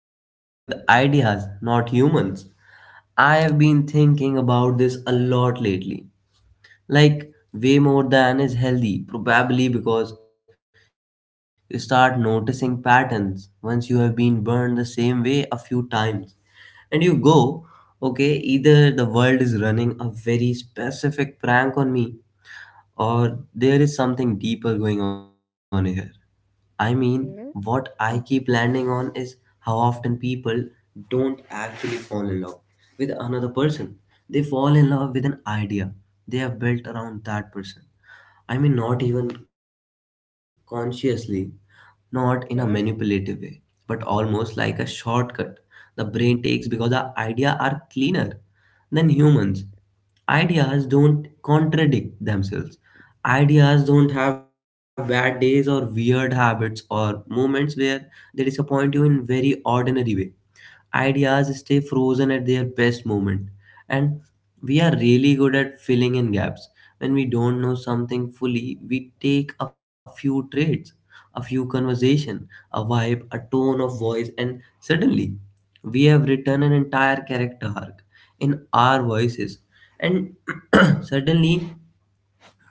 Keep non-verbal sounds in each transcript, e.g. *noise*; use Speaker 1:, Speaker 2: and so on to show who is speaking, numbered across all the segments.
Speaker 1: fall in love with ideas, not humans. I have been thinking about this a lot lately, like way more than is healthy probably, because you start noticing patterns once you have been burned the same way a few times, and you go, okay, either the world is running a very specific prank on me, or there is something deeper going on here. I mean, what I keep
Speaker 2: Okay.
Speaker 1: landing on
Speaker 2: Mhm.
Speaker 1: is how often people don't actually fall in love with another person. They fall in love with an idea they have built around that person. I mean, not even consciously, not in a manipulative way,
Speaker 2: Okay.
Speaker 1: but almost like a shortcut the brain takes because the idea are cleaner than humans. Ideas don't contradict themselves. Ideas don't have bad days or weird habits or moments where they disappoint you in very ordinary way. Ideas stay frozen at their best moment. And we are really good at filling in gaps. When we don't know something fully, we take a few traits, a few conversation, a vibe, a tone of voice, and suddenly we have written an entire character arc in our voices. And *clears throat* suddenly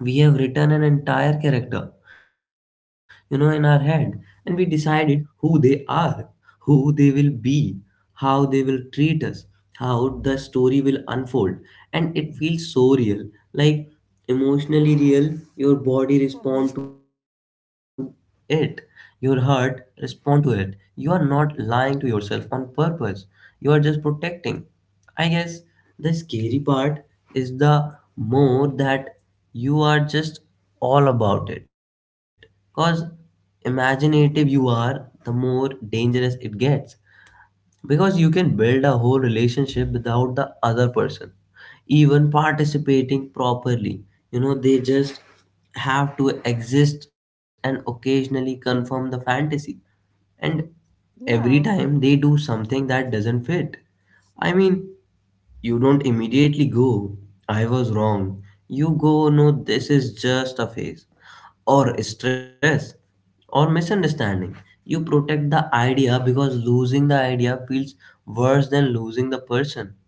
Speaker 1: we have written an entire character, in our head, and we decided who they are, who they will be, how they will treat us, how the story will unfold, and it feels so real, like emotionally real. Your body
Speaker 2: Mm-hmm.
Speaker 1: respond to it, your heart respond to it. You are not lying to yourself on purpose. You are just protecting. I guess the scary part is the more that you are just all about it. Because imaginative you
Speaker 2: Mm-hmm.
Speaker 1: are, the more dangerous it gets. Because you can build a whole relationship without the other person even participating properly. They just have to exist and occasionally confirm the fantasy. And every
Speaker 2: Yeah.
Speaker 1: time they do something that doesn't fit. I mean, you don't immediately go, I was wrong. You go, no, this is just a phase. Or stress. Or misunderstanding. You protect the idea because losing the idea feels worse than losing the person.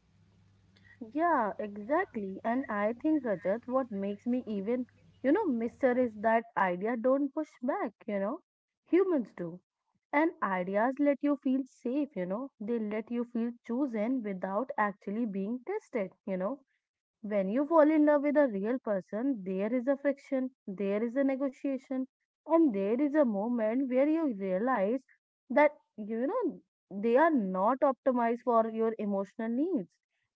Speaker 2: Yeah, exactly. And I think, Rajat, what makes me even, mister is that idea don't push back. Humans do. And ideas let you feel safe. They let you feel chosen without actually being tested. When you fall in love with a real person, there is a friction, there is a negotiation, and there is a moment where you realize that they are not optimized for your emotional needs,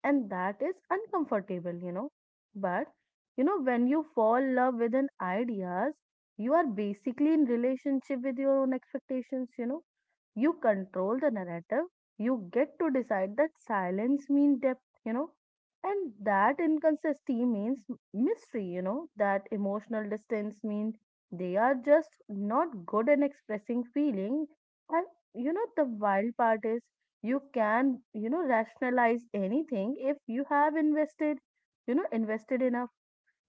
Speaker 2: and that is uncomfortable. But when you fall in love with an ideas, you are basically in relationship with your own expectations, you know. You control the narrative, you get to decide that silence means depth, and that inconsistency means mystery, that emotional distance means they are just not good in expressing feeling. And the wild part is you can, rationalize anything if you have invested enough.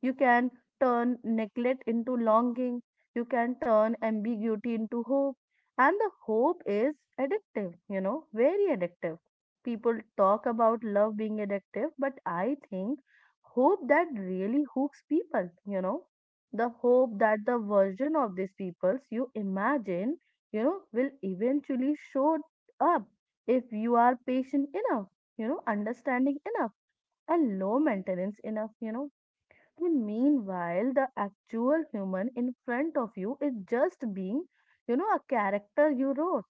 Speaker 2: You can turn neglect into longing. You can turn ambiguity into hope. And the hope is addictive, very addictive. People talk about love being addictive, but I think hope that really hooks people, the hope that the version of these peoples you imagine, will eventually show up if you are patient enough, understanding enough and low maintenance enough, and meanwhile, the actual human in front of you is just being, a character you wrote.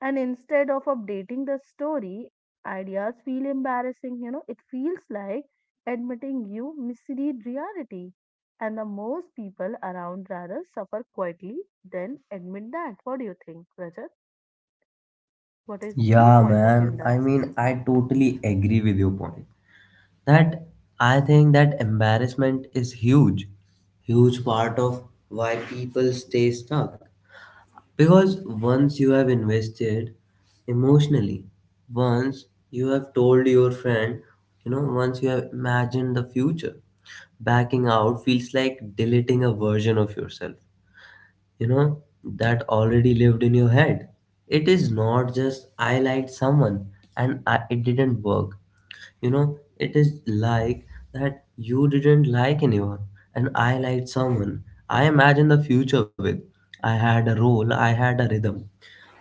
Speaker 2: And instead of updating the story, ideas feel embarrassing. It feels like admitting you misread reality. And the most people around rather suffer quietly than admit that. What do you think, Rajat? What is your
Speaker 1: Yeah,
Speaker 2: point of view in
Speaker 1: man.
Speaker 2: that?
Speaker 1: I mean, I totally agree with your point. That I think that embarrassment is huge, huge part of why people stay stuck. Because once you have invested emotionally, once you have told your friend, once you have imagined the future, backing out feels like deleting a version of yourself, that already lived in your head. It is not just I liked someone and it didn't work. You know it is like that you didn't like anyone and I liked someone, I imagined the future with, I had a role, I had a rhythm,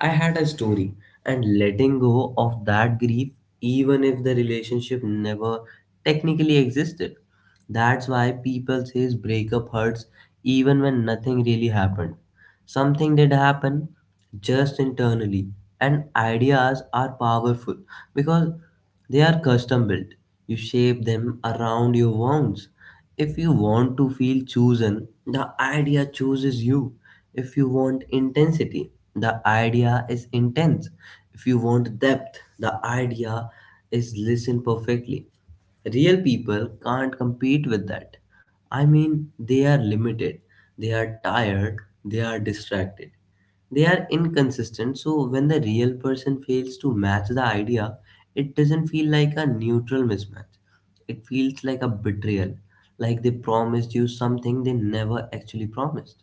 Speaker 1: I had a story, and letting go of that grief, even if the relationship never technically existed. That's why people says breakup hurts even when nothing really happened. Something did happen, just internally. And ideas are powerful because they are custom built. You shape them around your wants. If you want to feel chosen, the idea chooses you. If you want intensity, the idea is intense. If you want depth, the idea is listen perfectly. Real people can't compete with that. I mean, they are limited, they are tired, they are distracted, they are inconsistent. So, when the real person fails to match the idea, it doesn't feel like a neutral mismatch, it feels like a betrayal, like they promised you something they never actually promised.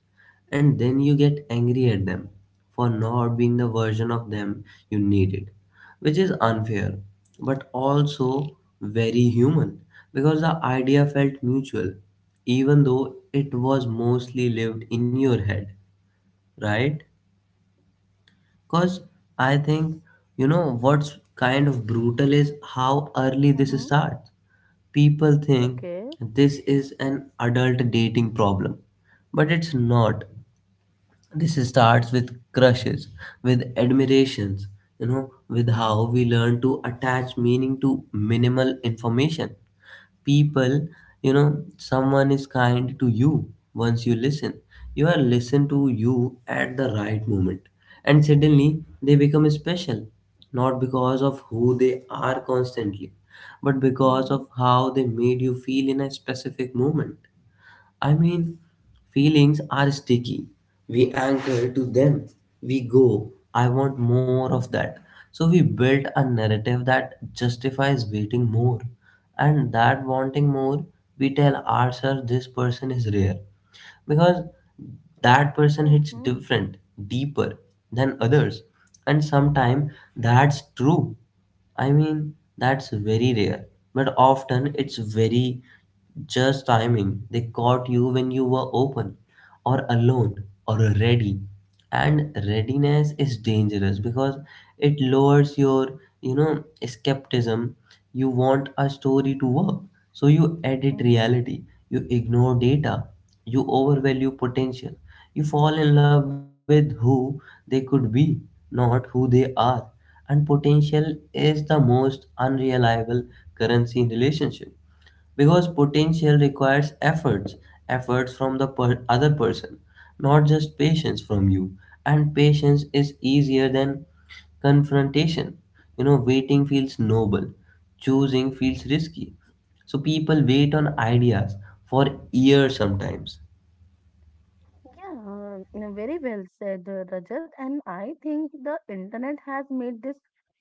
Speaker 1: And then you get angry at them for not being the version of them you needed, which is unfair, but also very human, because the idea felt mutual even though it was mostly lived in your head, right? Because I think you know what's kind of brutal is how early this
Speaker 2: Mm-hmm.
Speaker 1: starts. People
Speaker 2: Okay.
Speaker 1: think this is an adult dating problem, but it's not. This starts with crushes, with admirations, with how
Speaker 2: Mm-hmm.
Speaker 1: we learn to attach meaning to minimal information. People. Someone is kind to you once, you listen, you are listened to you at the right moment, and suddenly they become special, not because of who they are constantly, but because
Speaker 2: Mm-hmm.
Speaker 1: of how they made you feel in a specific moment. I mean, feelings are sticky. We anchor to them. We go, I want more of that. So we build a narrative that justifies waiting more. And that wanting more, we tell ourselves this person is rare. Because that person hits
Speaker 2: Mm-hmm.
Speaker 1: different, deeper than others. And sometimes that's true. I mean, that's very rare. But often it's very just timing. They caught you when you were open or alone or ready. And readiness is dangerous because it lowers your, skepticism. You want a story to work. So you edit
Speaker 2: Mm-hmm.
Speaker 1: reality. You ignore data. You overvalue potential. You fall in love with who they could be, not who they are. And potential is the most unreliable currency in relationship, because potential requires efforts, efforts from the other person, not just patience from you. And patience is easier than confrontation. Waiting feels noble, choosing feels risky. So people wait on ideas for years sometimes.
Speaker 2: Yeah, very well said, Rajat. And I think the internet has made this,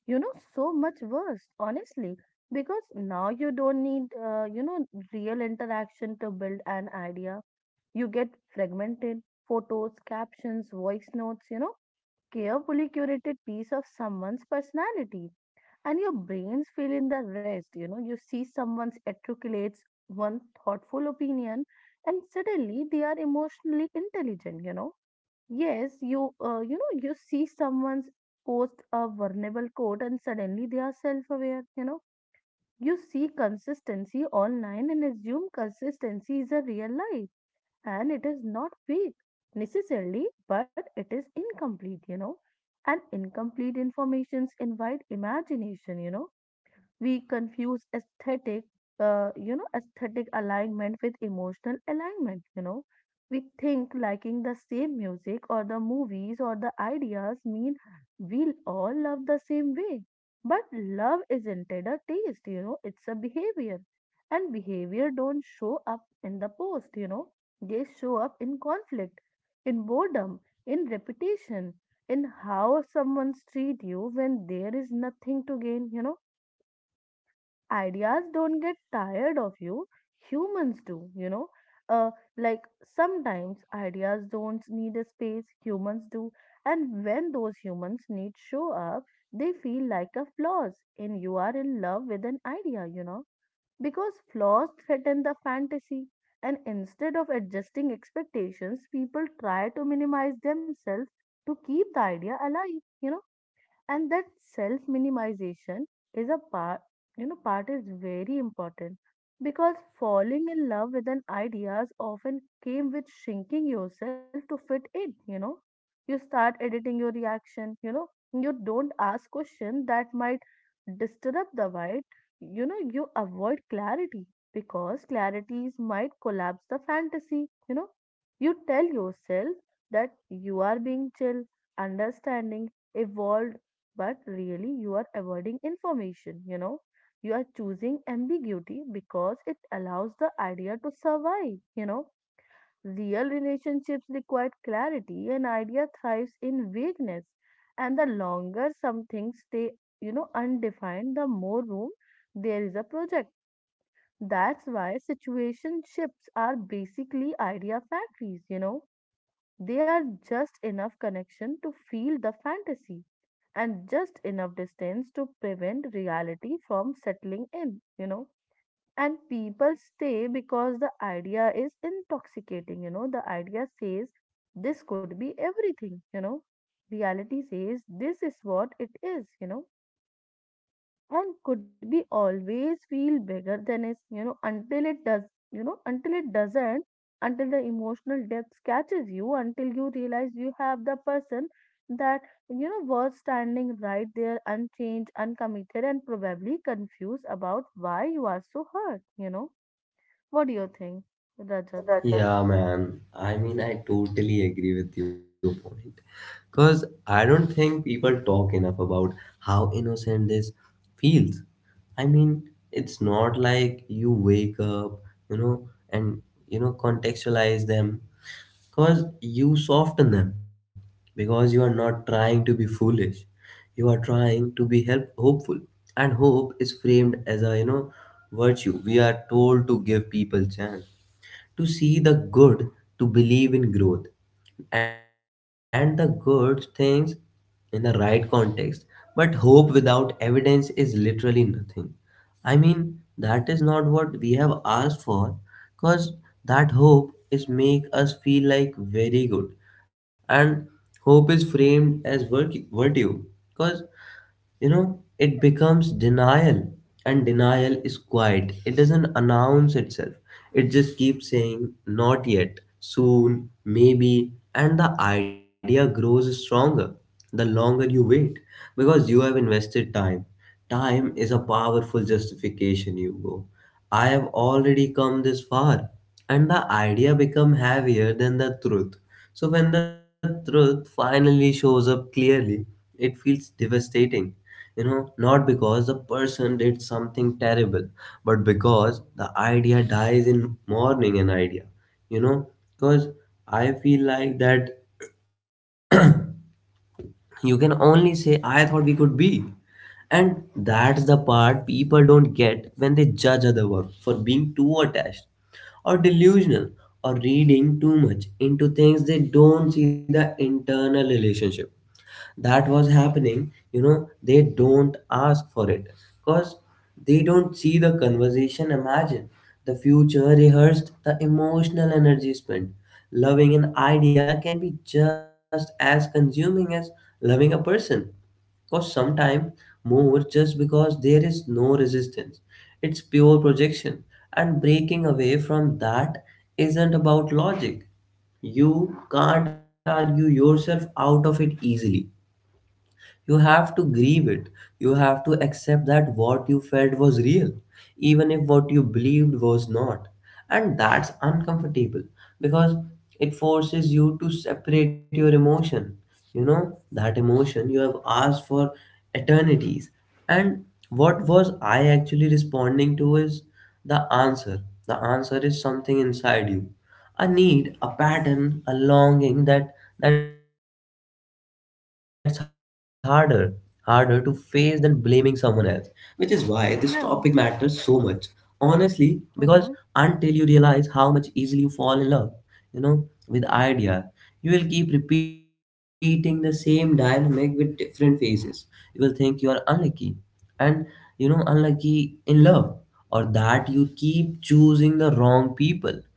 Speaker 2: you know, so much worse, honestly, because now you don't need, real interaction to build an idea. You get fragmented photos, captions, voice notes, carefully curated piece of someone's personality. And your brains fill in the rest. You see someone's articulates one thoughtful opinion, and suddenly they are emotionally intelligent. Yes, you see someone's post a vulnerable code and suddenly they are self-aware. You see consistency online and assume consistency is a real life, and it is not fake necessarily, but it is incomplete. And incomplete informations invite imagination. We confuse aesthetic alignment with emotional alignment. We think liking the same music or the movies or the ideas mean we will all love the same way. But love isn't it a taste, it's a behavior. And behavior don't show up in the post. They show up in conflict, in boredom, in reputation, in how someone treat you when there is nothing to gain. Ideas don't get tired of you humans do you know uh, like sometimes ideas don't need a space. Humans do. And when those humans need show up, they feel like a flaws, and you are in love with an idea because flaws threaten the fantasy. And instead of adjusting expectations, people try to minimize themselves to keep the idea alive, and that self minimization is a part. Part is very important, because falling in love with an ideas often came with shrinking yourself to fit in. You start editing your reaction. You don't ask questions that might disturb the vibe. You avoid clarity, because clarities might collapse the fantasy. You tell yourself that you are being chill, understanding, evolved, but really you are avoiding information, you know. You are choosing ambiguity because it allows the idea to survive. Real relationships require clarity, and idea thrives in vagueness. And the longer some things stay, undefined, the more room there is a project. That's why situation ships are basically idea factories. They are just enough connection to feel the fantasy and just enough distance to prevent reality from settling in. And people stay because the idea is intoxicating. The idea says this could be everything. Reality says this is what it is, and could be always feel bigger than is until it does until it doesn't, until the emotional depth catches you, until you realize you have the person that was standing right there, unchanged, uncommitted, and probably confused about why you are so hurt. What do you think, Rajat?
Speaker 1: Yeah, man. I mean, I totally agree with your point. Because I don't think people talk enough about how innocent this feels. I mean, it's not like you wake up, and, contextualize them. Because you soften them. Because you are not trying to be foolish. You are trying to be help hopeful. And hope is framed as a, virtue. We are told to give people chance, to see the good, to believe in growth and the good things in the right context. But hope without evidence is literally nothing. I mean, that is not what we have asked for, because that hope is make us feel like very good, and hope is framed as virtue because you know it becomes denial, and denial is quiet, it doesn't announce itself, it just keeps saying not yet, soon, maybe, and the idea grows stronger the longer you wait, because you have invested time. Time is a powerful justification, Hugo. I have already come this far. And the idea become heavier than the truth. So when the truth finally shows up clearly, it feels devastating. Not because the person did something terrible, but because the idea dies in mourning an idea. You know, because I feel like that you can only say I thought we could be, and that's the part people don't get when they judge other work for being too attached, or delusional, or reading too much into things. They don't see the internal relationship that was happening. They don't ask for it, because they don't see the conversation, imagine the future rehearsed, the emotional energy spent. Loving an idea can be just as consuming as loving a person. Because sometimes more, just because there is no resistance, it's pure projection. And breaking away from that isn't about logic. You can't argue yourself out of it easily. You have to grieve it. You have to accept that what you felt was real, even if what you believed was not. And that's uncomfortable, because it forces you to separate your emotion. That emotion you have asked for eternities, and what was I actually responding to, is the answer. The answer is something inside you, a need, a pattern, a longing that's harder, harder to face than blaming someone else. Which is why this topic matters so much.
Speaker 2: Yeah.
Speaker 1: Honestly, because until you
Speaker 2: Mm-hmm.
Speaker 1: realize how much easily you fall in love, with ideas, you will keep repeating the same dynamic with different phases. You will think you are unlucky, and unlucky in love, or that you keep choosing the wrong people,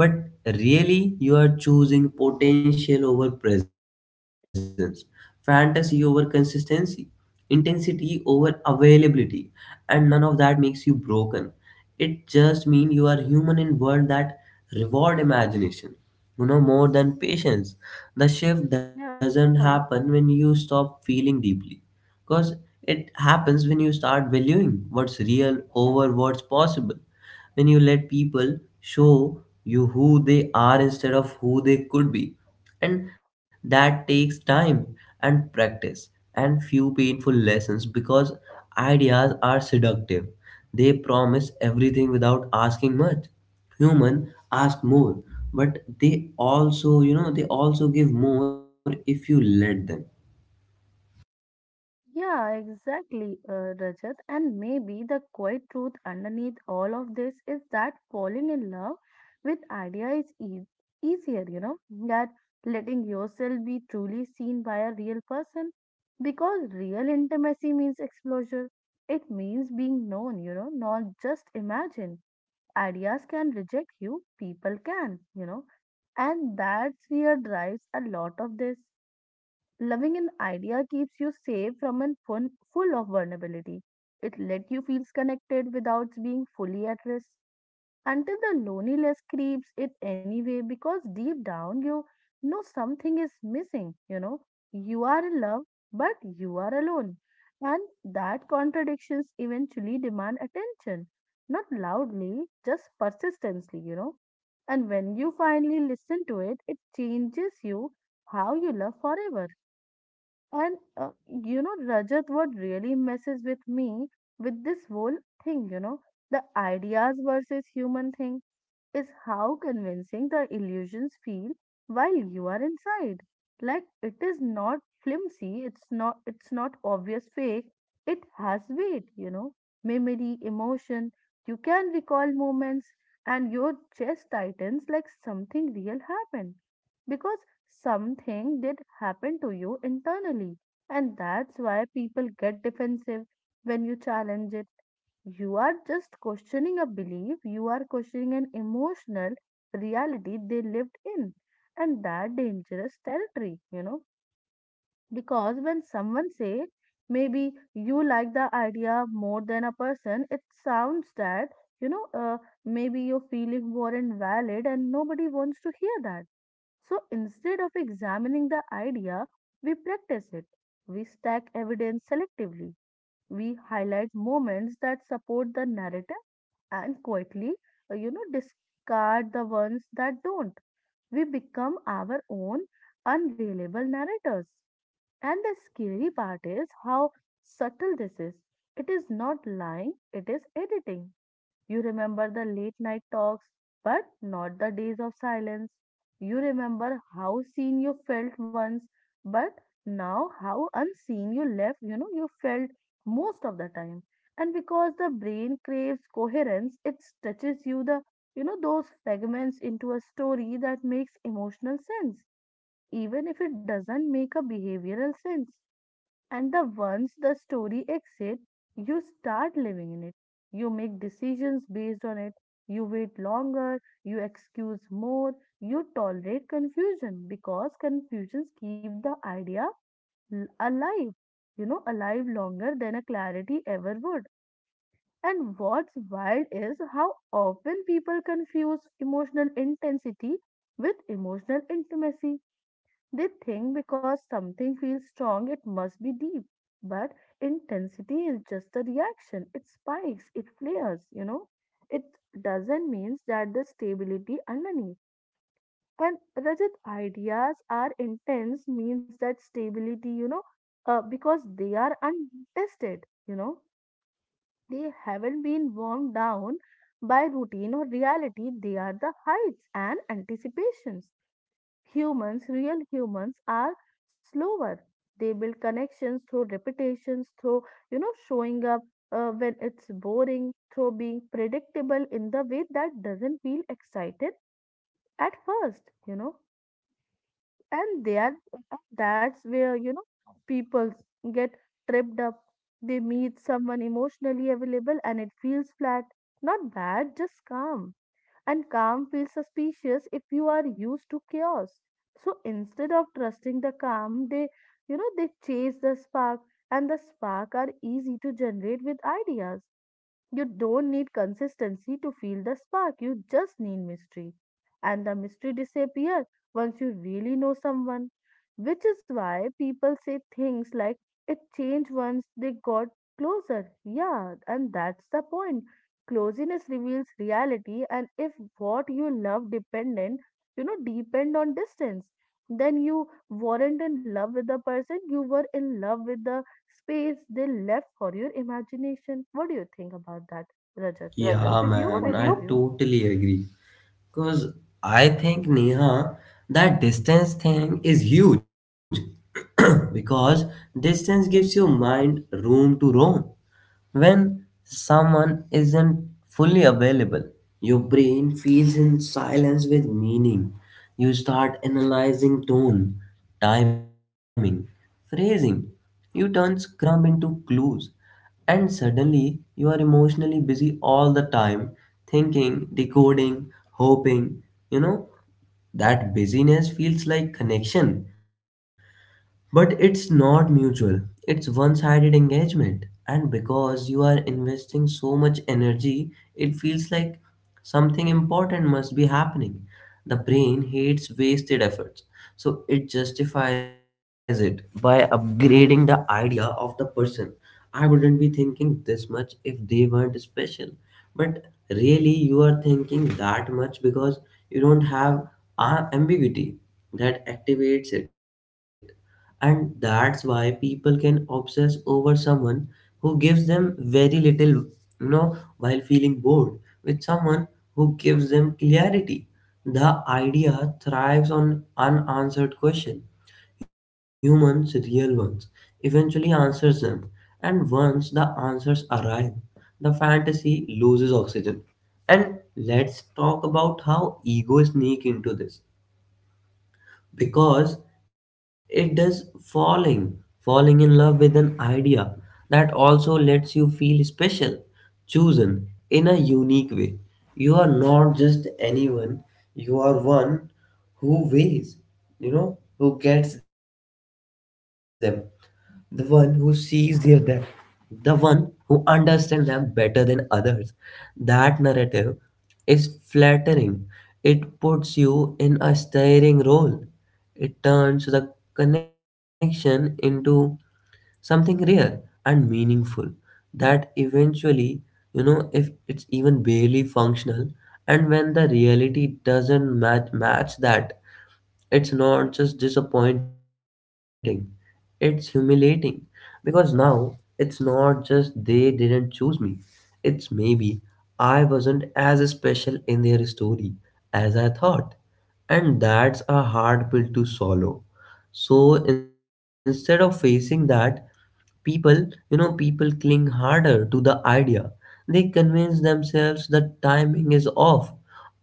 Speaker 1: but really, you are choosing potential over presence, fantasy over consistency, intensity over availability, and none of that makes you broken. It just means you are human in world that reward imagination, more than patience. The shift doesn't
Speaker 2: Yeah.
Speaker 1: happen when you stop feeling deeply, because it happens when you start valuing what's real over what's possible, when you let people show you who they are instead of who they could be. And that takes time and practice and few painful lessons, because ideas are seductive. They promise everything without asking much. Human ask more, but they also give more if you let them.
Speaker 2: Yeah, exactly, Rajat. And maybe the quiet truth underneath all of this is that falling in love with idea is easier, that letting yourself be truly seen by a real person, because real intimacy means exposure. It means being known, not just imagined. Ideas can reject you, people can, and that's where drives a lot of this. Loving an idea keeps you safe from an fun full of vulnerability. It let you feel connected without being fully at risk, until the loneliness creeps it anyway, because deep down you know something is missing, you know. You are in love, but you are alone. And that contradictions eventually demand attention, not loudly, just persistently. And when you finally listen to it, it changes you how you love forever. And, Rajat, what really messes with me with this whole thing, the ideas versus human thing is how convincing the illusions feel while you are inside. Like it is not flimsy, it's not obvious fake. It has weight, memory, emotion. You can recall moments and your chest tightens like something real happened. Because something did happen to you internally. And that's why people get defensive when you challenge it. You are just questioning a belief, you are questioning an emotional reality they lived in. And that dangerous territory, because when someone say maybe you like the idea more than a person, it sounds that, you know, uh, maybe your feeling were not valid, and nobody wants to hear that. So instead of examining the idea, we practice it. We stack evidence selectively. We highlight moments that support the narrative, and quietly, discard the ones that don't. We become our own unreliable narrators. And the scary part is how subtle this is. It is not lying, it is editing. You remember the late night talks, but not the days of silence. You remember how seen you felt once, but now how unseen you left, you felt most of the time. And because the brain craves coherence, it stitches you those fragments into a story that makes emotional sense, even if it doesn't make a behavioral sense. And the once the story exists, you start living in it. You make decisions based on it. You wait longer. You excuse more. You tolerate confusion because confusions keep the idea alive. Alive longer than a clarity ever would. And what's wild is how often people confuse emotional intensity with emotional intimacy. They think because something feels strong, it must be deep. But intensity is just a reaction. It spikes, it flares. It doesn't mean that the stability underneath. And Rajat, ideas are intense means that stability, because they are untested. They haven't been worn down by routine or reality. They are the heights and anticipations. Humans, real humans, are slower. They build connections through repetitions, through showing up, when it's boring, through being predictable in the way that doesn't feel excited at first. And they are that's where people get tripped up. They meet someone emotionally available and it feels flat, not bad, just calm, and calm feels suspicious if you are used to chaos. So instead of trusting the calm, they chase the spark, and the spark are easy to generate with ideas. You don't need consistency to feel the spark, you just need mystery. And the mystery disappears once you really know someone, which is why people say things like it changed once they got closer. Yeah, and that's the point. Closeness reveals reality, and if what you love depend on distance, then you weren't in love with the person, you were in love with the space they left for your imagination. What do you think about that, Rajat?
Speaker 1: Yeah,
Speaker 2: What is your
Speaker 1: man, I
Speaker 2: point of view?
Speaker 1: totally agree. Because I think, Neha, that distance thing is huge *clears throat* because distance gives your mind room to roam. When someone isn't fully available, your brain feels in silence with meaning. You start analyzing tone, timing, phrasing. You turn scrum into clues. And suddenly, you are emotionally busy all the time, thinking, decoding, hoping. You know, that busyness feels like connection, but it's not mutual. It's one sided engagement. And because you are investing so much energy, it feels like something important must be happening. The brain hates wasted efforts, so it justifies it by upgrading the idea of the person. I wouldn't be thinking this much if they weren't special, but really, you are thinking that much because you don't have ambiguity that activates it. And that's why people can obsess over someone who gives them very little while feeling bored with someone who gives them clarity. The idea thrives on unanswered questions. Humans, real ones, eventually answers them, and once the answers arrive, the fantasy loses oxygen. And let's talk about how ego sneak into this, because it does. Falling in love with an idea that also lets you feel special, chosen in a unique way. You are not just anyone. You are one who weighs, who gets them, the one who sees their depth, the one who understands them better than others. That narrative is flattering. It puts you in a steering role. It turns the connection into something rare and meaningful that eventually, if it's even barely functional. And when the reality doesn't match that, it's not just disappointing, it's humiliating, because now it's not just they didn't choose me, it's maybe I wasn't as special in their story as I thought, and that's a hard pill to swallow. So instead of facing that, people you know people cling harder to the idea. They convince themselves that timing is off,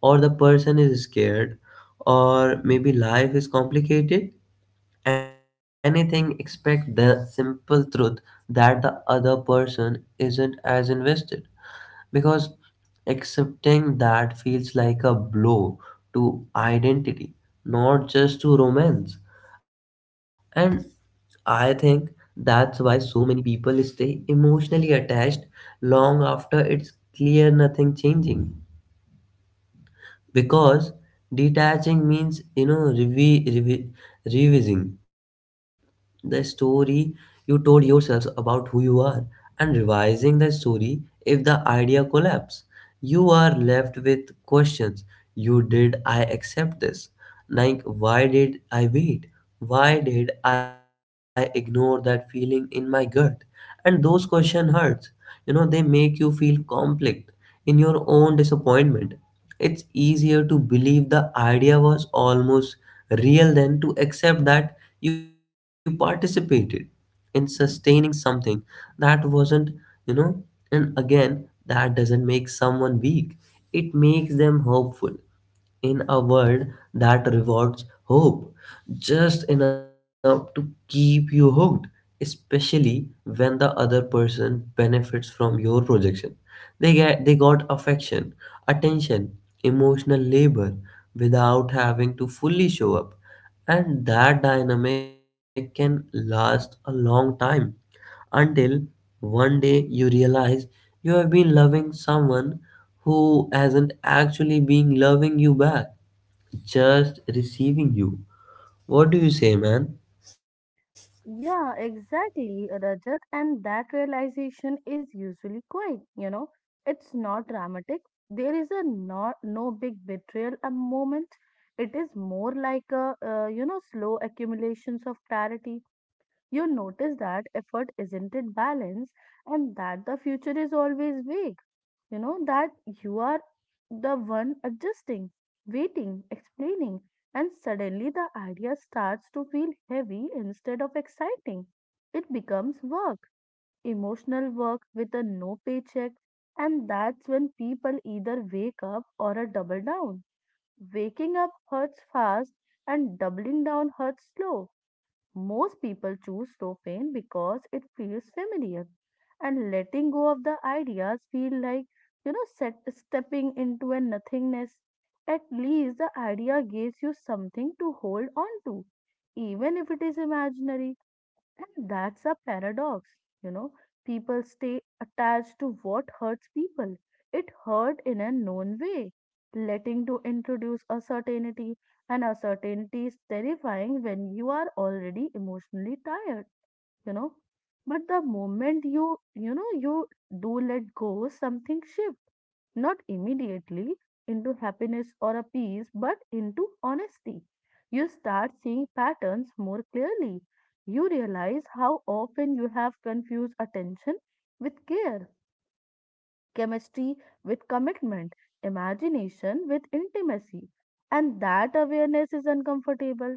Speaker 1: or the person is scared, or maybe life is complicated, anything except the simple truth that the other person isn't as invested, because accepting that feels like a blow to identity, not just to romance. And I think that's why so many people stay emotionally attached long after it's clear nothing changing, because detaching means revising the story you told yourselves about who you are. And revising the story, if the idea collapse, you are left with questions. You did I accept this, like why did I wait, why did I ignore that feeling in my gut. And those questions hurt. They make you feel conflict in your own disappointment. It's easier to believe the idea was almost real than to accept that you participated in sustaining something that wasn't, you know, and again, that doesn't make someone weak. It makes them hopeful in a world that rewards hope just enough to keep you hooked, especially when the other person benefits from your projection. They got affection, attention, emotional labor without having to fully show up. And that dynamic can last a long time until one day you realize you have been loving someone who hasn't actually been loving you back. Just receiving you. What do you say, man?
Speaker 2: Yeah, exactly, Rajat. And that realization is usually quite. It's not dramatic. There is a not no big betrayal a moment. It is more like a, slow accumulations of clarity. You notice that effort isn't in balance and that the future is always vague. You know that you are the one adjusting, waiting, explaining, and suddenly the idea starts to feel heavy instead of exciting. It becomes work, emotional work with a no paycheck, and that's when people either wake up or a double down. Waking up hurts fast and doubling down hurts slow most people choose Tofane because it feels familiar, and letting go of the ideas feel like set, stepping into a nothingness. At least the idea gives you something to hold on to, even if it is imaginary. And that's a paradox, you know. People stay attached to what hurts people. It hurt in a known way. Letting to introduce a certainty, and a certainty is terrifying when you are already emotionally tired, you know. But the moment you do let go, something shifts not immediately into happiness or a peace, but into honesty. You start seeing patterns more clearly. You realize how often you have confused attention with care, chemistry with commitment, imagination with intimacy. And that awareness is uncomfortable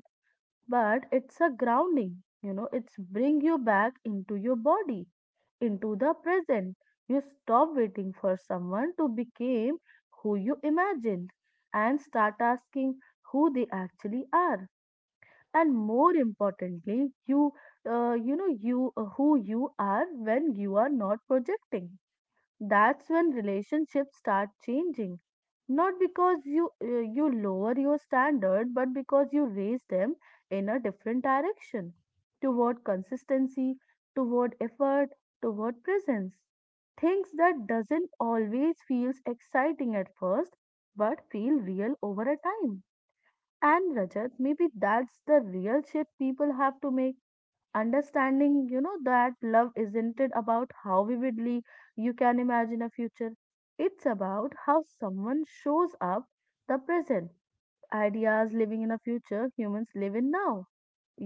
Speaker 2: but it's a grounding it's bring you back into your body into the present you stop waiting for someone to become who you imagined and start asking who they actually are and more importantly you you know you who you are when you are not projecting that's when relationships start changing not because you you lower your standard but because you raise them in a different direction toward consistency toward effort toward presence. Things that doesn't always feels exciting at first but feel real over a time. And Rajat, maybe that's the real shift people have to make, understanding that love isn't it about how vividly you can imagine a future. It's about how someone shows up the present. Ideas living in a future humans live in now.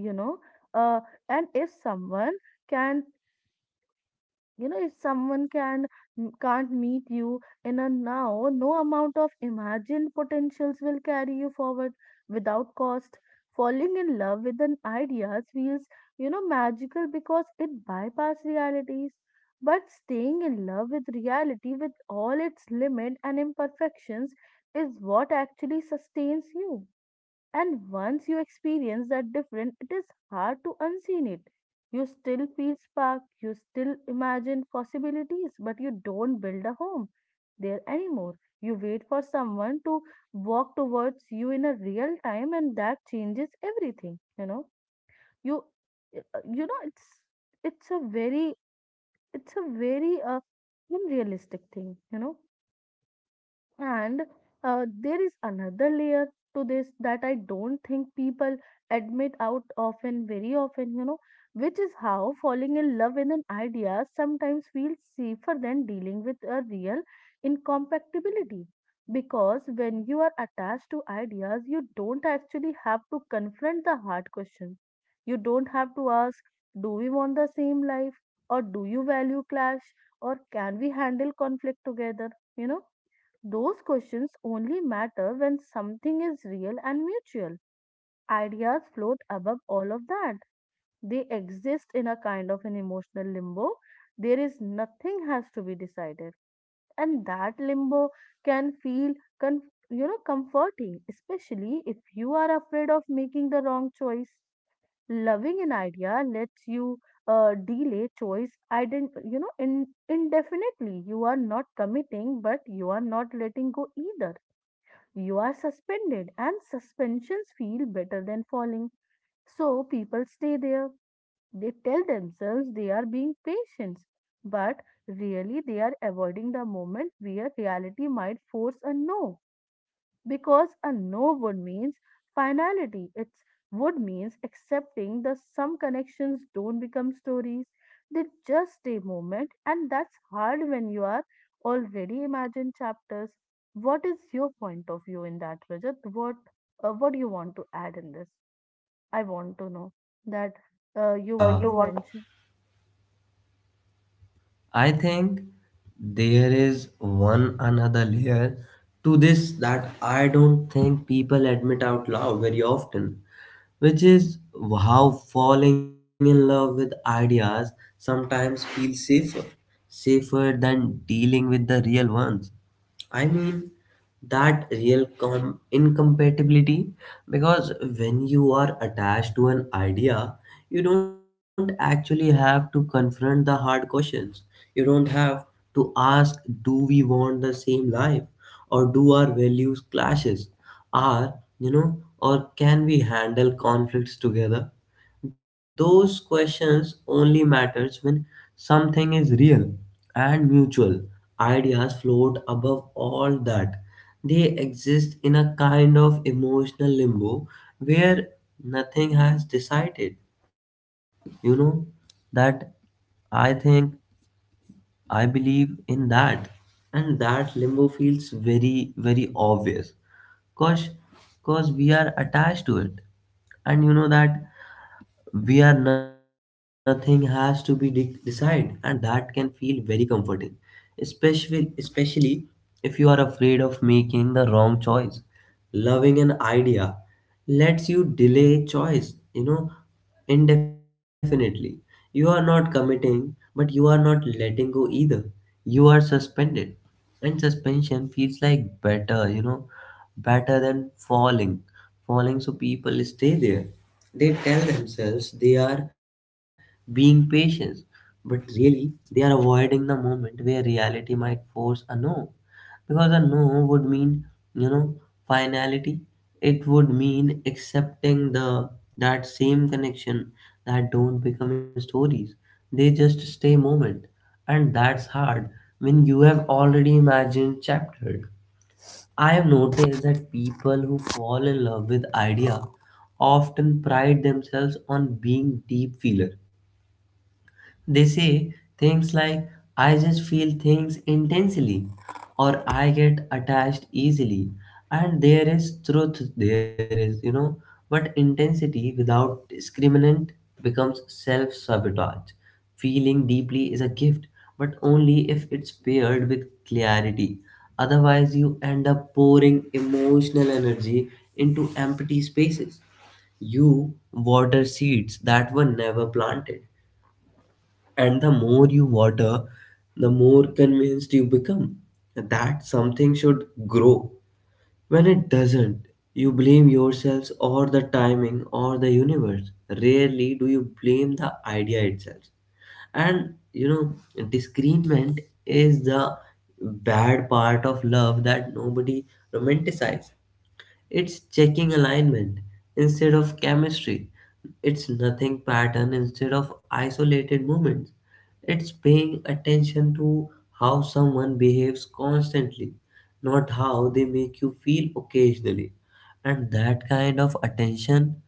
Speaker 2: you know uh, and if someone can you know if someone can m- can't meet you in a now, no amount of imagined potentials will carry you forward without cost. Falling in love with an ideas feels magical because it bypass realities, but staying in love with reality with all its limit and imperfections is what actually sustains you. And once you experience that difference, it is hard to unseen it. You still feel spark, you still imagine possibilities, but you don't build a home there anymore. You wait for someone to walk towards you in a real time, and that changes everything. You know, you, you know, it's a very it's a very unrealistic thing. And there is another layer to this that I don't think people admit out often, very often, which is how falling in love with an idea sometimes feels safer than dealing with a real incompatibility. Because when you are attached to ideas, you don't actually have to confront the hard questions. You don't have to ask, do we want the same life? Or do you value clash? Or can we handle conflict together? You know? Those questions only matter when something is real and mutual. Ideas float above all of that. They exist in a kind of an emotional limbo. There is nothing has to be decided. And that limbo can feel con- comforting, especially if you are afraid of making the wrong choice. Loving an idea lets you delay choice indefinitely. You are not committing, but you are not letting go either, you are suspended, and suspensions feel better than falling. So people stay there. They tell themselves they are being patient, but really they are avoiding the moment where reality might force a no, because a no would means finality. It's would means accepting that some connections don't become stories. They just stay moment, and that's hard when you are already imagine chapters. What is your point of view in that, Rajat? What do you want to add in this? I want to know that
Speaker 1: That
Speaker 2: you
Speaker 1: yeah,
Speaker 2: want
Speaker 1: you
Speaker 2: to
Speaker 1: want.
Speaker 2: mention.
Speaker 1: I think there is one another layer to this that I don't think people admit out loud very often, which is how falling in love with ideas sometimes feels safer, safer than dealing with the real ones. I mean that real incompatibility, because when you are attached to an idea, you don't actually have to confront the hard questions. You don't have to ask, do we want the same life? Or do our values clashes? Are, or can we handle conflicts together? Those questions only matters when something is real and mutual. Ideas float above all that. They exist in a kind of emotional limbo where nothing has decided. You know that I think I believe in that, and that limbo feels very very obvious, cause cause we are attached to it. And you know that, where nothing has to be decided, and that can feel very comforting, especially if you are afraid of making the wrong choice. Loving an idea lets you delay choice, indefinitely. You are not committing, but you are not letting go either. You are suspended, and suspension feels like better, better than falling. So people stay there. They tell themselves they are being patient, but really they are avoiding the moment where reality might force a no. Because a no would mean, you know, finality. It would mean accepting the that same connection that don't become stories. They just stay moment. And that's hard when you have already imagined chapter. I have noticed that people who fall in love with idea often pride themselves on being deep feeler. They say things like, I just feel things intensely, or I get attached easily. And there is truth, there is, but intensity without discriminant becomes self sabotage. Feeling deeply is a gift, but only if it's paired with clarity. Otherwise, you end up pouring emotional energy into empty spaces. You water seeds that were never planted, and the more you water, the more convinced you become that something should grow. When it doesn't, you blame yourselves, or the timing, or the universe. Rarely do you blame the idea itself. And disagreement is the bad part of love that nobody romanticizes. It's checking alignment instead of chemistry. It's nothing pattern instead of isolated moments. It's paying attention to how someone behaves constantly, not how they make you feel occasionally. And that kind of attention,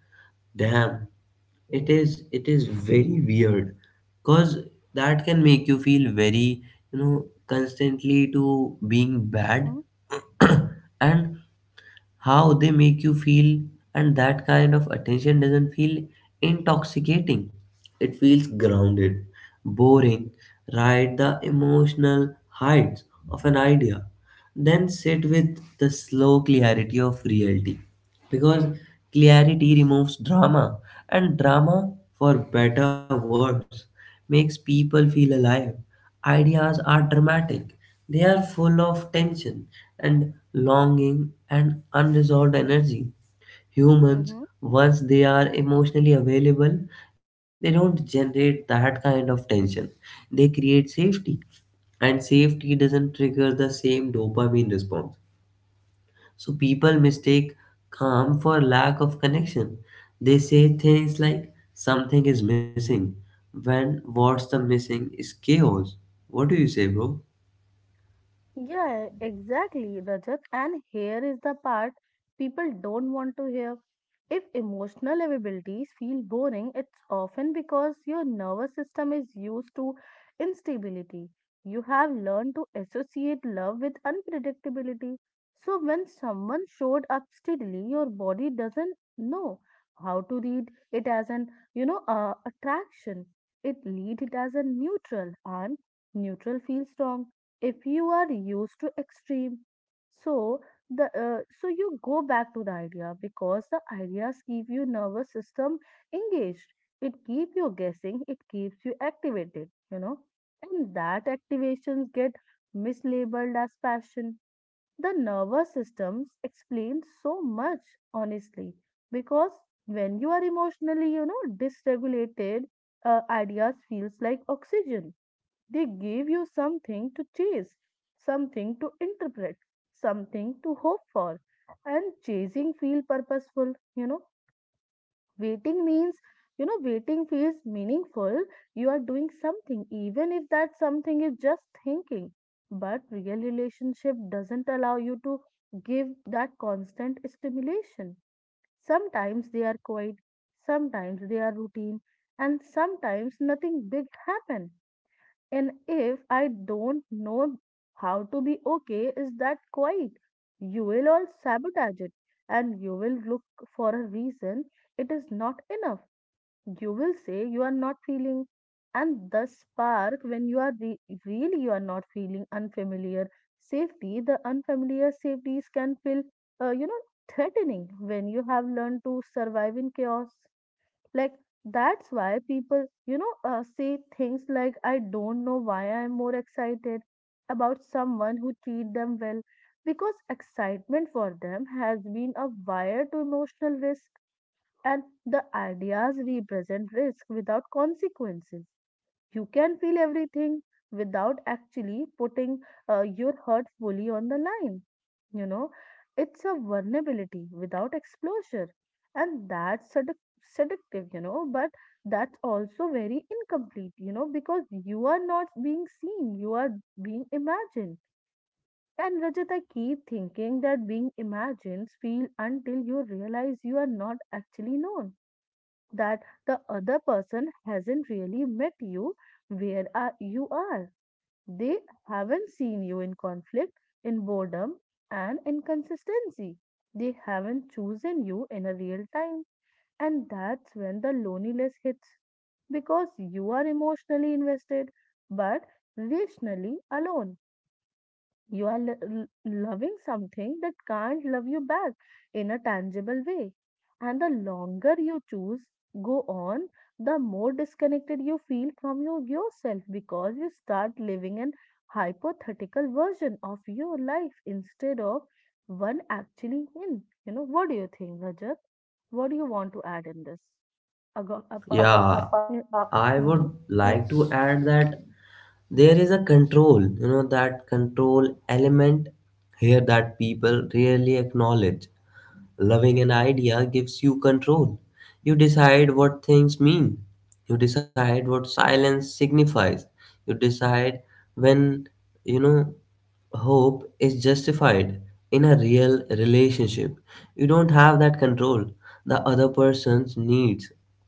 Speaker 1: damn, it is very weird. Cause that can make you feel very, constantly to being bad.
Speaker 2: Mm-hmm.
Speaker 1: And how they make you feel, and that kind of attention doesn't feel intoxicating, it feels grounded, boring. Ride the emotional heights of an idea, then sit with the slow clarity of reality, because clarity removes drama, and drama, for better or worse, makes people feel alive. Ideas are dramatic. They are full of tension and longing and unresolved energy. Humans, once they are emotionally available, they don't generate that kind of tension. They create safety, and safety doesn't trigger the same dopamine response. So people mistake calm for lack of connection. They say things like something is missing, when what's the missing is chaos. What do you say, bro?
Speaker 2: Yeah, exactly, Rajat. And here is the part people don't want to hear. If emotional availabilities feel boring, it's often because your nervous system is used to instability. You have learned to associate love with unpredictability. So when someone showed up steadily, your body doesn't know how to read it as an, attraction. It lead it as a neutral, and neutral feels wrong if you are used to extreme. So the so you go back to the idea because the ideas keep your nervous system engaged, it keep you guessing, it keeps you activated, and that activations get mislabeled as passion. The nervous systems explain so much honestly, because when you are emotionally dysregulated, ideas feels like oxygen. They gave you something to chase, something to interpret, something to hope for. And chasing feel purposeful, you know. Waiting means, waiting feels meaningful. You are doing something, even if that something is just thinking. But real relationship doesn't allow you to give that constant stimulation. Sometimes they are quiet, sometimes they are routine, and sometimes nothing big happen. And if I don't know how to be okay, is that quiet? You will all sabotage it and you will look for a reason. It is not enough. You will say you are not feeling, and the spark when you are really you are not feeling unfamiliar safety. The unfamiliar safeties can feel, uh, you know, threatening when you have learned to survive in chaos. Like that's why people, say things like, "I don't know why I'm more excited about someone who treat them well," because excitement for them has been a wire to emotional risk, and the ideas represent risk without consequences. You can feel everything without actually putting your heart fully on the line. You know, it's a vulnerability without exposure, and that's seductive, you know, but that's also very incomplete, you know, because you are not being seen, you are being imagined. And Rajat, I keep thinking that being imagined feel until you realize you are not actually known, that the other person hasn't really met you where are you are. They haven't seen you in conflict, in boredom, and inconsistency. They haven't chosen you in a real time. And that's when the loneliness hits because you are emotionally invested but relationally alone. You are loving something that can't love you back in a tangible way. And the longer you choose, go on, the more disconnected you feel from your, yourself because you start living an hypothetical version of your life instead of one actually in. You know, what do you think, Rajat? What do you want to add in this? Ago- apa-
Speaker 1: Yeah, I would
Speaker 2: mm-hmm.
Speaker 1: like to add that there is a control, that control element here that people rarely acknowledge. Loving an idea gives you control. You decide what things mean. You decide what silence signifies. You decide when, you know, hope is justified in a real relationship. You don't have that control. The other person's needs,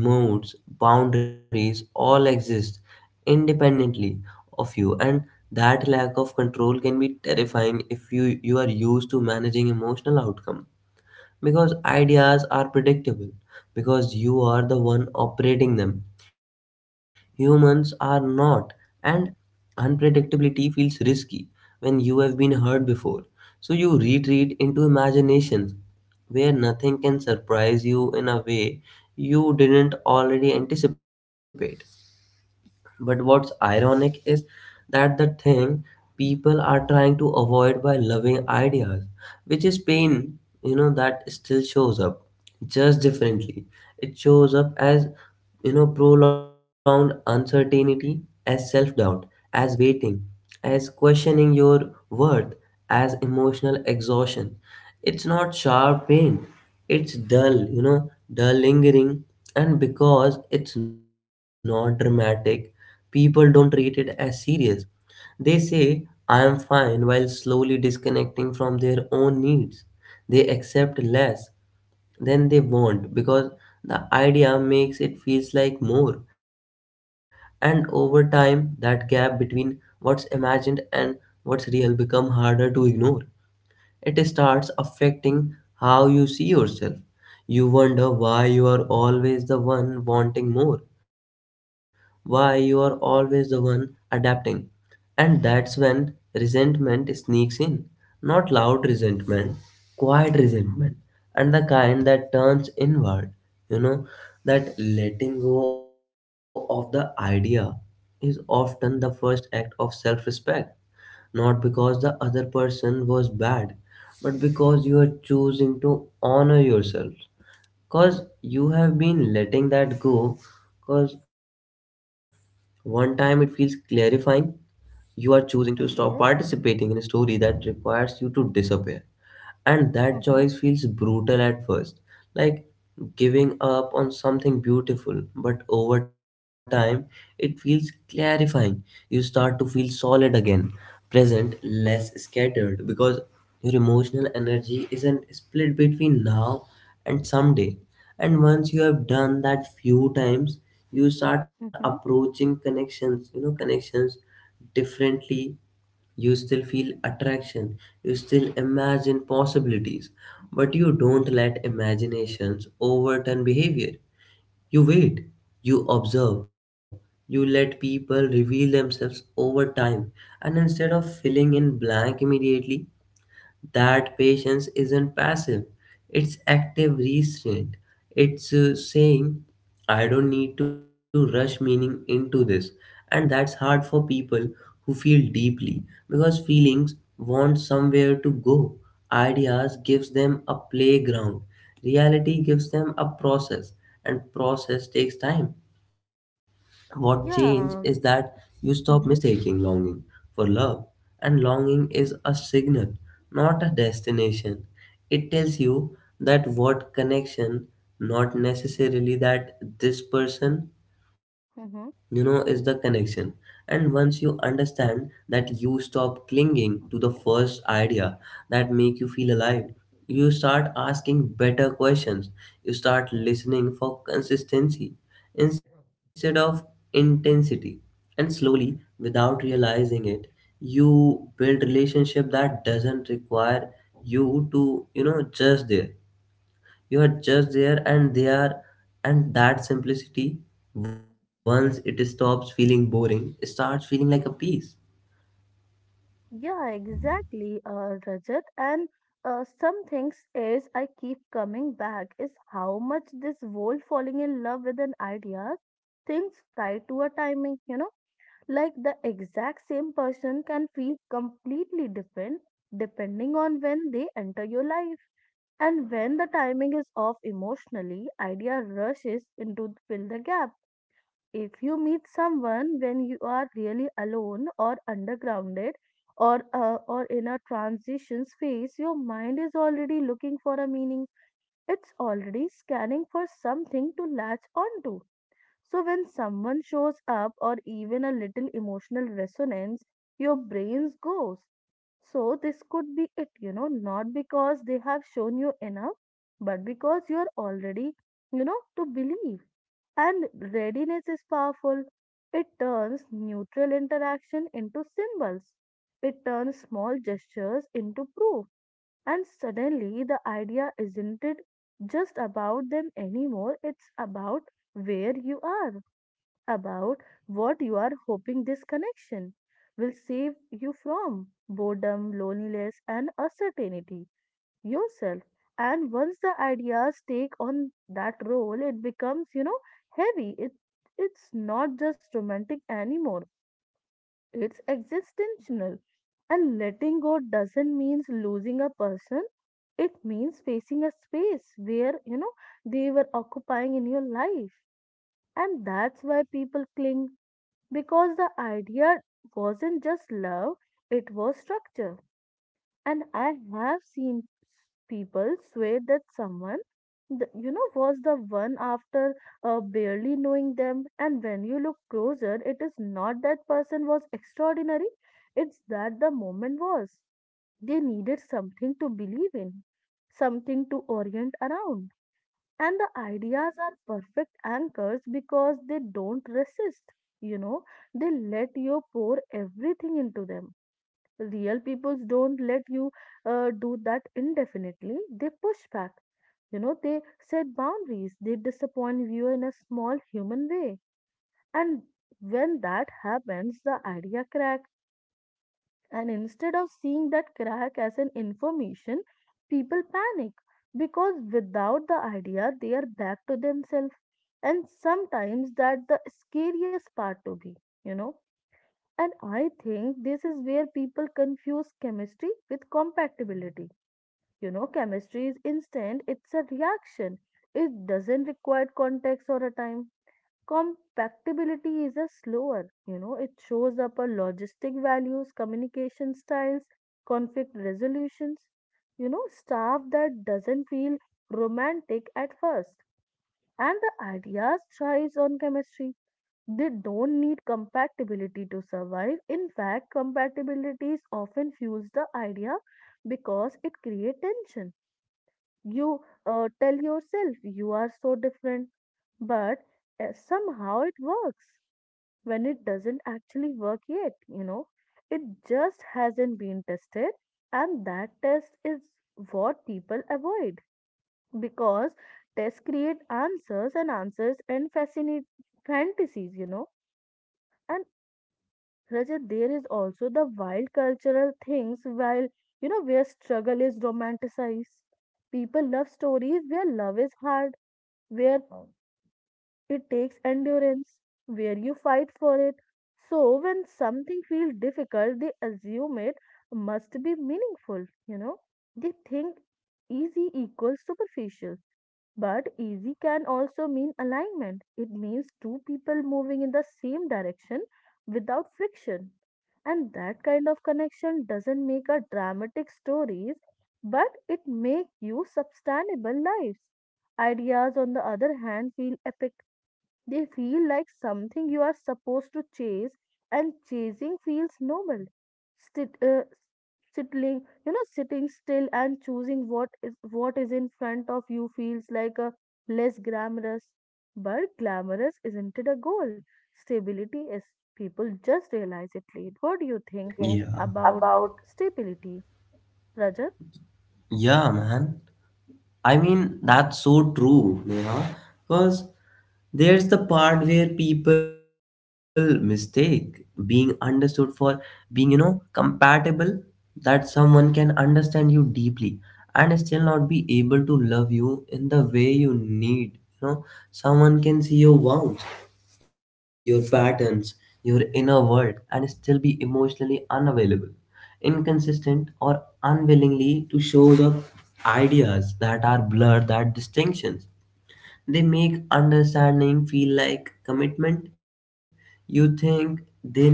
Speaker 1: moods, boundaries all exist independently of you, and that lack of control can be terrifying if you are used to managing emotional outcome, because ideas are predictable, because you are the one operating them. Humans are not, and unpredictability feels risky when you have been hurt before. So you retreat into imaginations where nothing can surprise you in a way you didn't already anticipate. But what's ironic is that the thing people are trying to avoid by loving ideas, which is pain, that still shows up, just differently. It shows up as, prolonged uncertainty, as self doubt, as waiting, as questioning your worth, as emotional exhaustion. It's not sharp pain, it's dull, dull lingering, and because it's not dramatic, people don't treat it as serious. They say, I am fine, while slowly disconnecting from their own needs. They accept less than they want because the idea makes it feels like more. And over time, that gap between what's imagined and what's real become harder to ignore. It starts affecting how you see yourself. You wonder why you are always the one wanting more, why you are always the one adapting. And that's when resentment sneaks in. Not loud resentment, quiet resentment, and the kind that turns inward. You know, that Letting go of the idea is often the first act of self respect, not because the other person was bad, but because you are choosing to honor yourself. Because you have been letting that go. Because one time it feels clarifying, you are choosing to stop
Speaker 2: Okay.
Speaker 1: participating in a story that requires you to disappear. And that
Speaker 2: Mm-hmm.
Speaker 1: choice feels brutal at first, like giving up on something beautiful, but over time it feels clarifying. You start to feel solid again, present, less scattered, because your emotional energy isn't split between now and someday. And once you have done that few times, you start
Speaker 2: Mm-hmm.
Speaker 1: approaching connections, connections, differently. You still feel attraction, you still imagine possibilities, but you don't let imaginations overturn behavior. You wait, you observe, you let people reveal themselves over time, and instead of filling in blank immediately, that patience isn't passive, it's active restraint. It's saying, I don't need to rush meaning into this. And that's hard for people who feel deeply, because feelings want somewhere to go. Ideas gives them a playground. Reality gives them a process, and process takes time. What changed is
Speaker 2: Yeah. um,
Speaker 1: that you stop
Speaker 2: Mm-hmm.
Speaker 1: mistaking longing for love, and longing is a signal, not a destination. It tells you that what connection, not necessarily that this person is
Speaker 2: Mm-hmm.
Speaker 1: the connection. And once you understand that, you stop clinging to the first idea that make you feel alive. You start asking better questions, you start listening for consistency instead of intensity, and slowly, without realizing it, you build relationship that doesn't require you to just there. You are just there and they are, and that simplicity, once it stops feeling boring, starts feeling like a piece.
Speaker 2: Yeah, exactly, Rajat. And some things is I keep coming back is how much this world falling in love with an idea things tied to a timing, you know, like the exact same person can feel completely different depending on when they enter your life. And when the timing is off emotionally, idea rushes into fill the gap. If you meet someone when you are really alone or undergrounded or in a transition phase, your mind is already looking for a meaning, it's already scanning for something to latch onto. So when someone shows up or even a little emotional resonance, your brains goes so this could be it, you know, not because they have shown you enough, but because you are already, you know, to believe. And readiness is powerful. It turns neutral interaction into symbols. It turns small gestures into proof. And suddenly the idea isn't it just about them anymore. It's about where you are, about what you are hoping this connection will save you from boredom, loneliness, and uncertainty yourself. And once the ideas take on that role, it becomes, you know, heavy. It, it's not just romantic anymore, it's existential. And letting go doesn't mean losing a person, it means facing a space where, you know, they were occupying in your life. And that's why people cling because the idea wasn't just love, it was structure. And I have seen people swear that someone, was the one after barely knowing them. And when you look closer, it is not that person was extraordinary, it's that the moment was. They needed something to believe in, something to orient around, and the ideas are perfect anchors because they don't resist. you know they let you pour everything into them. Real peoples don't let you do that indefinitely. They push back, they set boundaries, they disappoint you in a small human way. And when that happens, the idea crack, and instead of seeing that crack as an information, people panic because without the idea they are back to themselves. And sometimes that the scariest part to be, you know. And I think this is where people confuse chemistry with compatibility. You know, chemistry is instant, it's a reaction. It doesn't require context or a time. Compatibility is a slower. It shows up a logistic values, communication styles, conflict resolutions, staff that doesn't feel romantic at first. And the ideas thrives on chemistry. They don't need compatibility to survive. In fact, compatibility is often fuels the idea because it creates tension. You tell yourself you are so different, but somehow it works when it doesn't actually work yet, you know. It just hasn't been tested, and that test is what people avoid because tests create answers, and answers and fascinate fantasies. And Rajat, there is also the wild cultural things while where struggle is romanticized. People love stories where love is hard, where Oh. It takes endurance, where you fight for it. So when something feels difficult, they assume it must be meaningful. They think easy equals superficial, but easy can also mean alignment. It means two people moving in the same direction without friction. And that kind of connection doesn't make a dramatic stories, but it make you sustainable lives. Ideas, on the other hand, feel epic. They feel like something you are supposed to chase, and chasing feels noble. Sit, uh, sitting still and choosing what is in front of you feels like a less glamorous. But glamorous isn't it a goal? Stability is. People just realize it late. What do you
Speaker 1: What do you
Speaker 2: think
Speaker 1: think? Yeah.
Speaker 2: about
Speaker 1: About.
Speaker 2: stability, Rajat?
Speaker 1: Yeah, man. I mean, that's so true, Neha. Because there's the part where people mistake being understood for being compatible. That someone can understand you deeply and still not be able to love you in the way you need, you know. Someone can see your wounds, your patterns, your inner world, and still be emotionally unavailable, inconsistent, or unwillingly to show the ideas that are blurred, that distinctions they make understanding feel like commitment. You think they know me,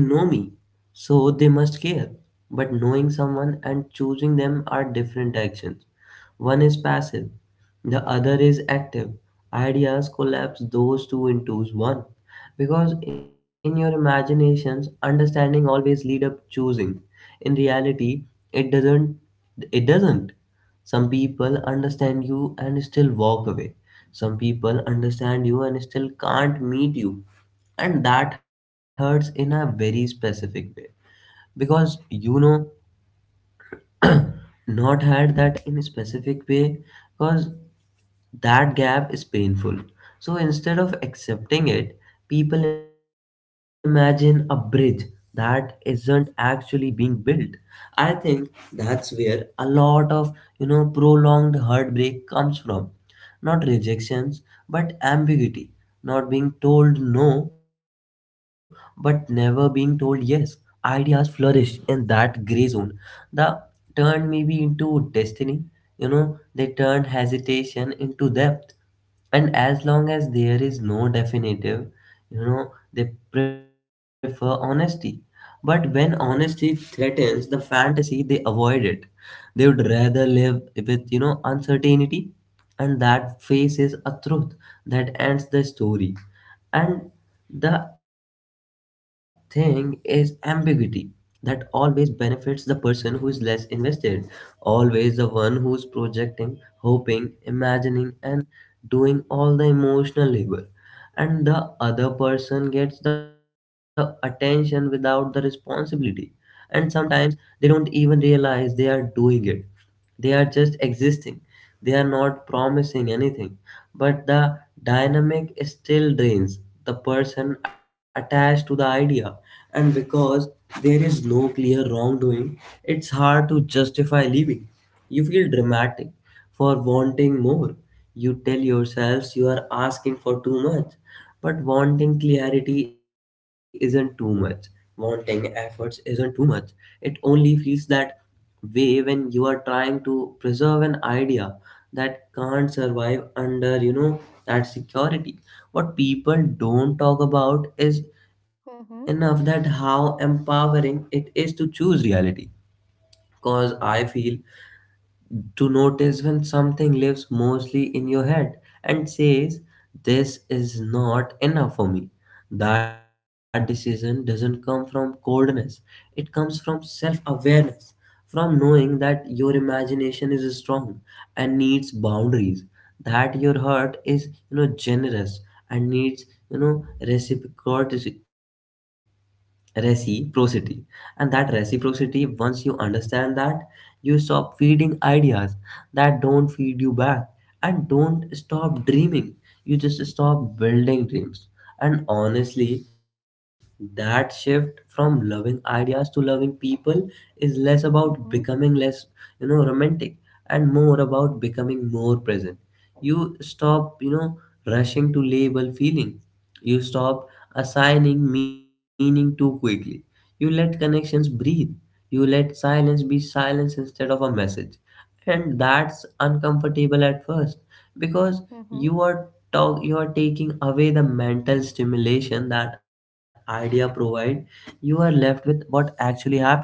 Speaker 1: so they must care. But knowing someone and choosing them are different actions. One is passive, the other is active. Ideas collapse those two into one. Because in your imaginations, understanding always lead up choosing. In reality, it doesn't, it doesn't. Some people understand you and still walk away. Some people understand you and still can't meet you. And that hurts in a very specific way, because you know, not had that in a specific way, because that gap is painful. So instead of accepting it, people imagine a bridge that isn't actually being built. I think that's where a lot of, you know, prolonged heartbreak comes from. Not rejections, but ambiguity. Not being told no, but never being told yes. Ideas flourish in that gray zone. The turn maybe into destiny, you know, they turned hesitation into depth. And as long as there is no definitive, you know, they prefer honesty, but when honesty threatens the fantasy, they avoid it. They would rather live with, you know, uncertainty, and that faces a truth that ends the story. And the thing is, ambiguity that always benefits the person who is less invested, always the one who's projecting, hoping, imagining, and doing all the emotional labor. And the other person gets the attention without the responsibility. And sometimes they don't even realize they are doing it. They are just existing, they are not promising anything, but the dynamic still drains the person attached to the idea. And because there is no clear wrongdoing, it's hard to justify leaving. You feel dramatic for wanting more, you tell yourselves you are asking for too much, but wanting clarity isn't too much, wanting efforts isn't too much. It only feels that way when you are trying to preserve an idea that can't survive under, you know, that security. What people don't talk about is enough
Speaker 2: Mm-hmm,
Speaker 1: that how empowering it is to choose reality, cause I feel to notice when something lives mostly in your head and says, "This is not enough for me." That decision doesn't come from coldness, it comes from self awareness, from knowing that your imagination is strong and needs boundaries, that your heart is, you know, generous and needs, you know, reciprocity. And that reciprocity, once you understand that, you stop feeding ideas that don't feed you back. And don't stop dreaming, you just stop building dreams. And honestly, that shift from loving ideas to loving people is less about
Speaker 2: mm-hmm,
Speaker 1: becoming less, you know, romantic, and more about becoming more present. You stop, you know, rushing to label feelings, you stop assigning meaning too quickly. You let connections breathe. You let silence be silence instead of a message. And that's uncomfortable at first because
Speaker 2: mm-hmm,
Speaker 1: you are taking away the mental stimulation that idea provide. You are left with what actually happening.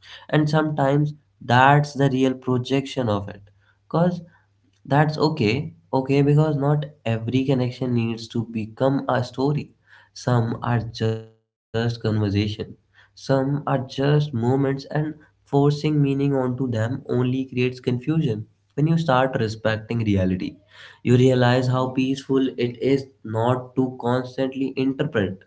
Speaker 1: And sometimes that's the real projection of it. Because that's okay, okay, because not every connection needs to become a story. Some are just conversation, some are just moments, and forcing meaning onto them only creates confusion. When you start respecting reality, you realize how peaceful it is not to constantly interpret,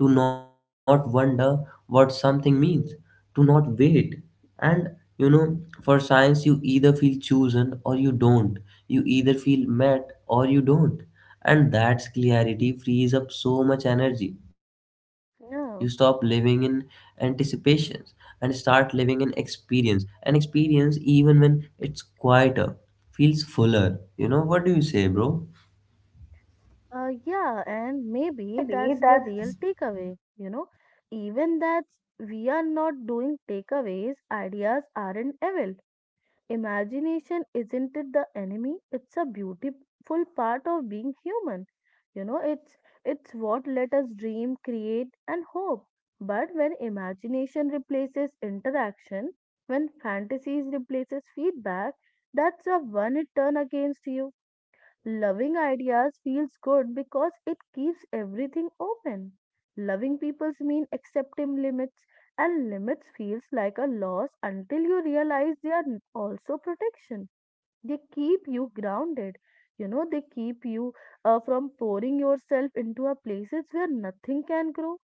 Speaker 1: to not wonder what something means, to not wait. And you know, for science, you either feel chosen or you don't, you either feel met or you don't. And that's clarity frees up so much energy. You stop living
Speaker 2: mm-hmm.
Speaker 1: in anticipations and start living in experience. And experience, even when it's quieter, feels fuller. You know, what do you say, bro?
Speaker 2: Yeah, and maybe
Speaker 1: Maybe
Speaker 2: that's the real
Speaker 1: that's.
Speaker 2: takeaway. Even that we are not doing takeaways, ideas aren't evil. Imagination isn't it the enemy? It's a beautiful part of being human. You know, it's what let us dream, create, and hope. But when imagination replaces interaction, when fantasies replaces feedback, that's the one it turn against you. Loving ideas feels good because it keeps everything open. Loving peoples mean accepting limits, and limits feels like a loss until you realize they are also protection. They keep you grounded. You know, they keep you from pouring yourself into a places where nothing can grow.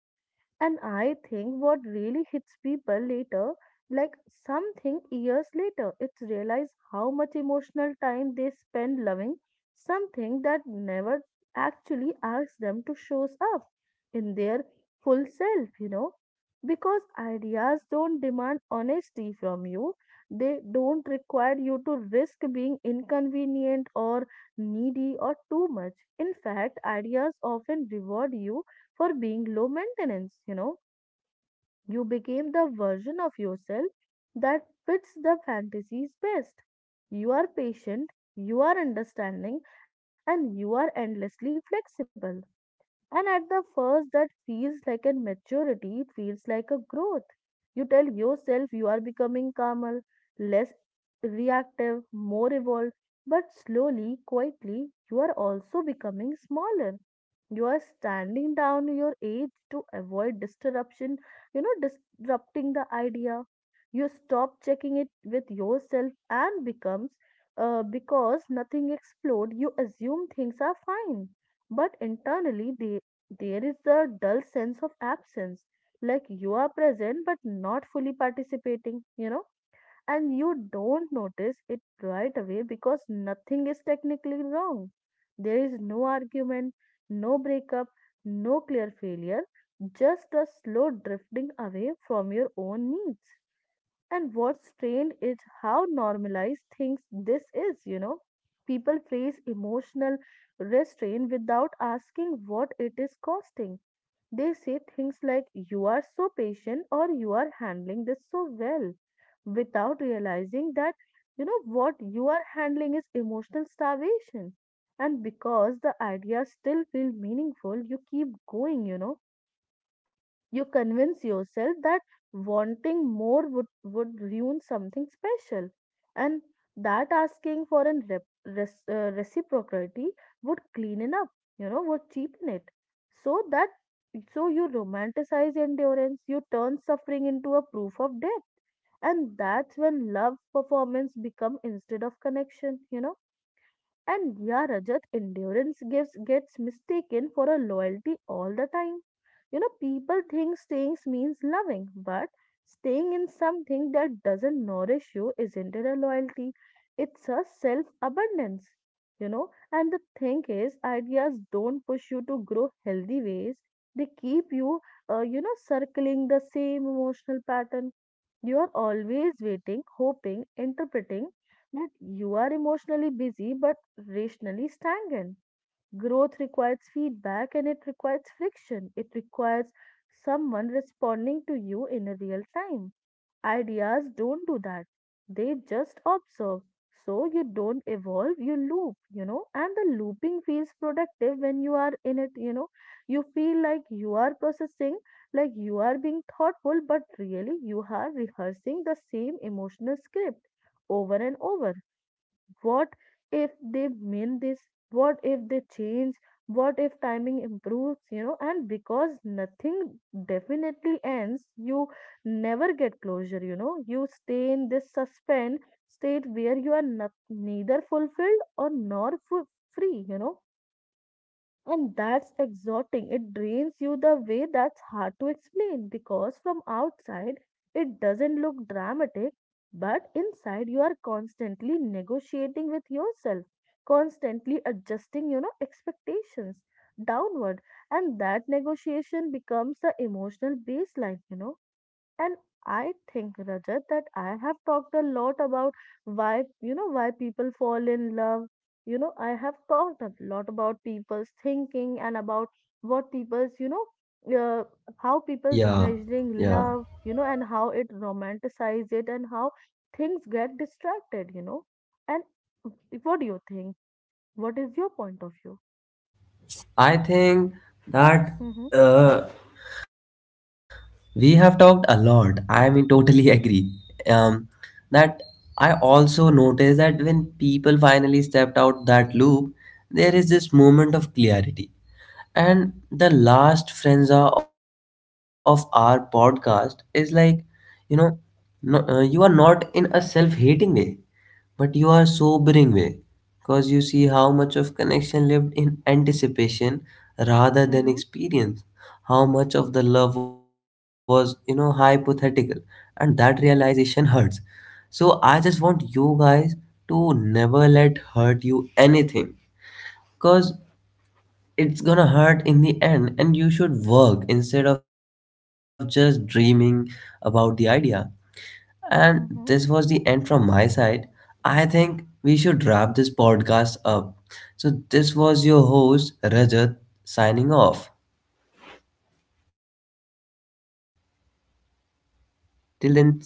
Speaker 2: And I think what really hits people later, like something years later, it's realize how much emotional time they spend loving something that never actually asks them to shows up in their full self, you know. Because ideas don't demand honesty from you. They don't require you to risk being inconvenient or needy or too much. In fact, ideas often reward you for being low maintenance, you know. You became the version of yourself that fits the fantasies best. You are patient, you are understanding, and you are endlessly flexible. And at the first, that feels like a maturity, it feels like a growth. You tell yourself you are becoming calmer, less reactive, more evolved, but slowly, quietly, you are also becoming smaller. You are standing down your age to avoid disruption, you know, disrupting the idea. You stop checking it with yourself and becomes because nothing explode. You assume things are fine, but internally there is a dull sense of absence, like you are present but not fully participating. And you don't notice it right away because nothing is technically wrong. There is no argument, no breakup, no clear failure, just a slow drifting away from your own needs. And what's strange is how normalized things this is, you know. People praise emotional restraint without asking what it is costing. They say things like, you are so patient or you are handling this so well, without realizing that, you know, what you are handling is emotional starvation. And because the ideas still feel meaningful, you keep going, you know. You convince yourself that wanting more would ruin something special, and that asking for a reciprocity would clean it up, you know, would cheapen it. So that so you romanticize endurance, you turn suffering into a proof of depth, and that's when love performance become instead of connection, you know. And yeah, Rajat, endurance gives gets mistaken for a loyalty all the time. You know, people think staying means loving, but staying in something that doesn't nourish you isn't it a loyalty. It's a self abundance, you know. And the thing is, ideas don't push you to grow healthy ways. They keep you, circling the same emotional pattern. You are always waiting, hoping, interpreting that you are emotionally busy but rationally stagnant. Growth requires feedback and it requires friction. It requires someone responding to you in a real time. Ideas don't do that. They just observe. So you don't evolve, you loop, you know, and the looping feels productive when you are in it, you know. You feel like you are processing, like you are being thoughtful, but really you are rehearsing the same emotional script over and over. What if they mean this? What if they change? What if timing improves? And because nothing definitely ends, you never get closure, you know. You stay in this suspend state where you are not, neither fulfilled or nor free, you know. And that's exhausting. It drains you the way that's hard to explain because from outside it doesn't look dramatic, but inside you are constantly negotiating with yourself, constantly adjusting, you know, expectations downward. And that negotiation becomes the emotional baseline, you know. And I think, Rajat, that I have talked a lot about why, you know, why people fall in love. You know, I have talked a lot about people's thinking and about what people's, you know, uh, how people's
Speaker 1: Yeah,
Speaker 2: measuring
Speaker 1: yeah.
Speaker 2: love, you know, and how it romanticize it and how things get distracted, you know. And what do you think? What is your point of view?
Speaker 1: I think that
Speaker 2: Mm-hmm,
Speaker 1: uh, we have talked a lot. I mean, totally *laughs* agree. Um, that I also noticed that when people finally stepped out that loop, there is this moment of clarity. And the last frenza of our podcast is like, you know, no, you are not in a self hating way. But you are sobering way, because you see how much of connection lived in anticipation rather than
Speaker 2: mm-hmm,
Speaker 1: experience. How much of the love was, you know, hypothetical. And that realization hurts. So I just want you guys to never let hurt you anything, because it's gonna hurt in the end, and you should work instead of just dreaming about the idea. And this was
Speaker 2: mm-hmm.
Speaker 1: the end from my side. I think we should wrap this podcast up. So, this was your host, Rajat, signing off. Till then, see you. Bye bye.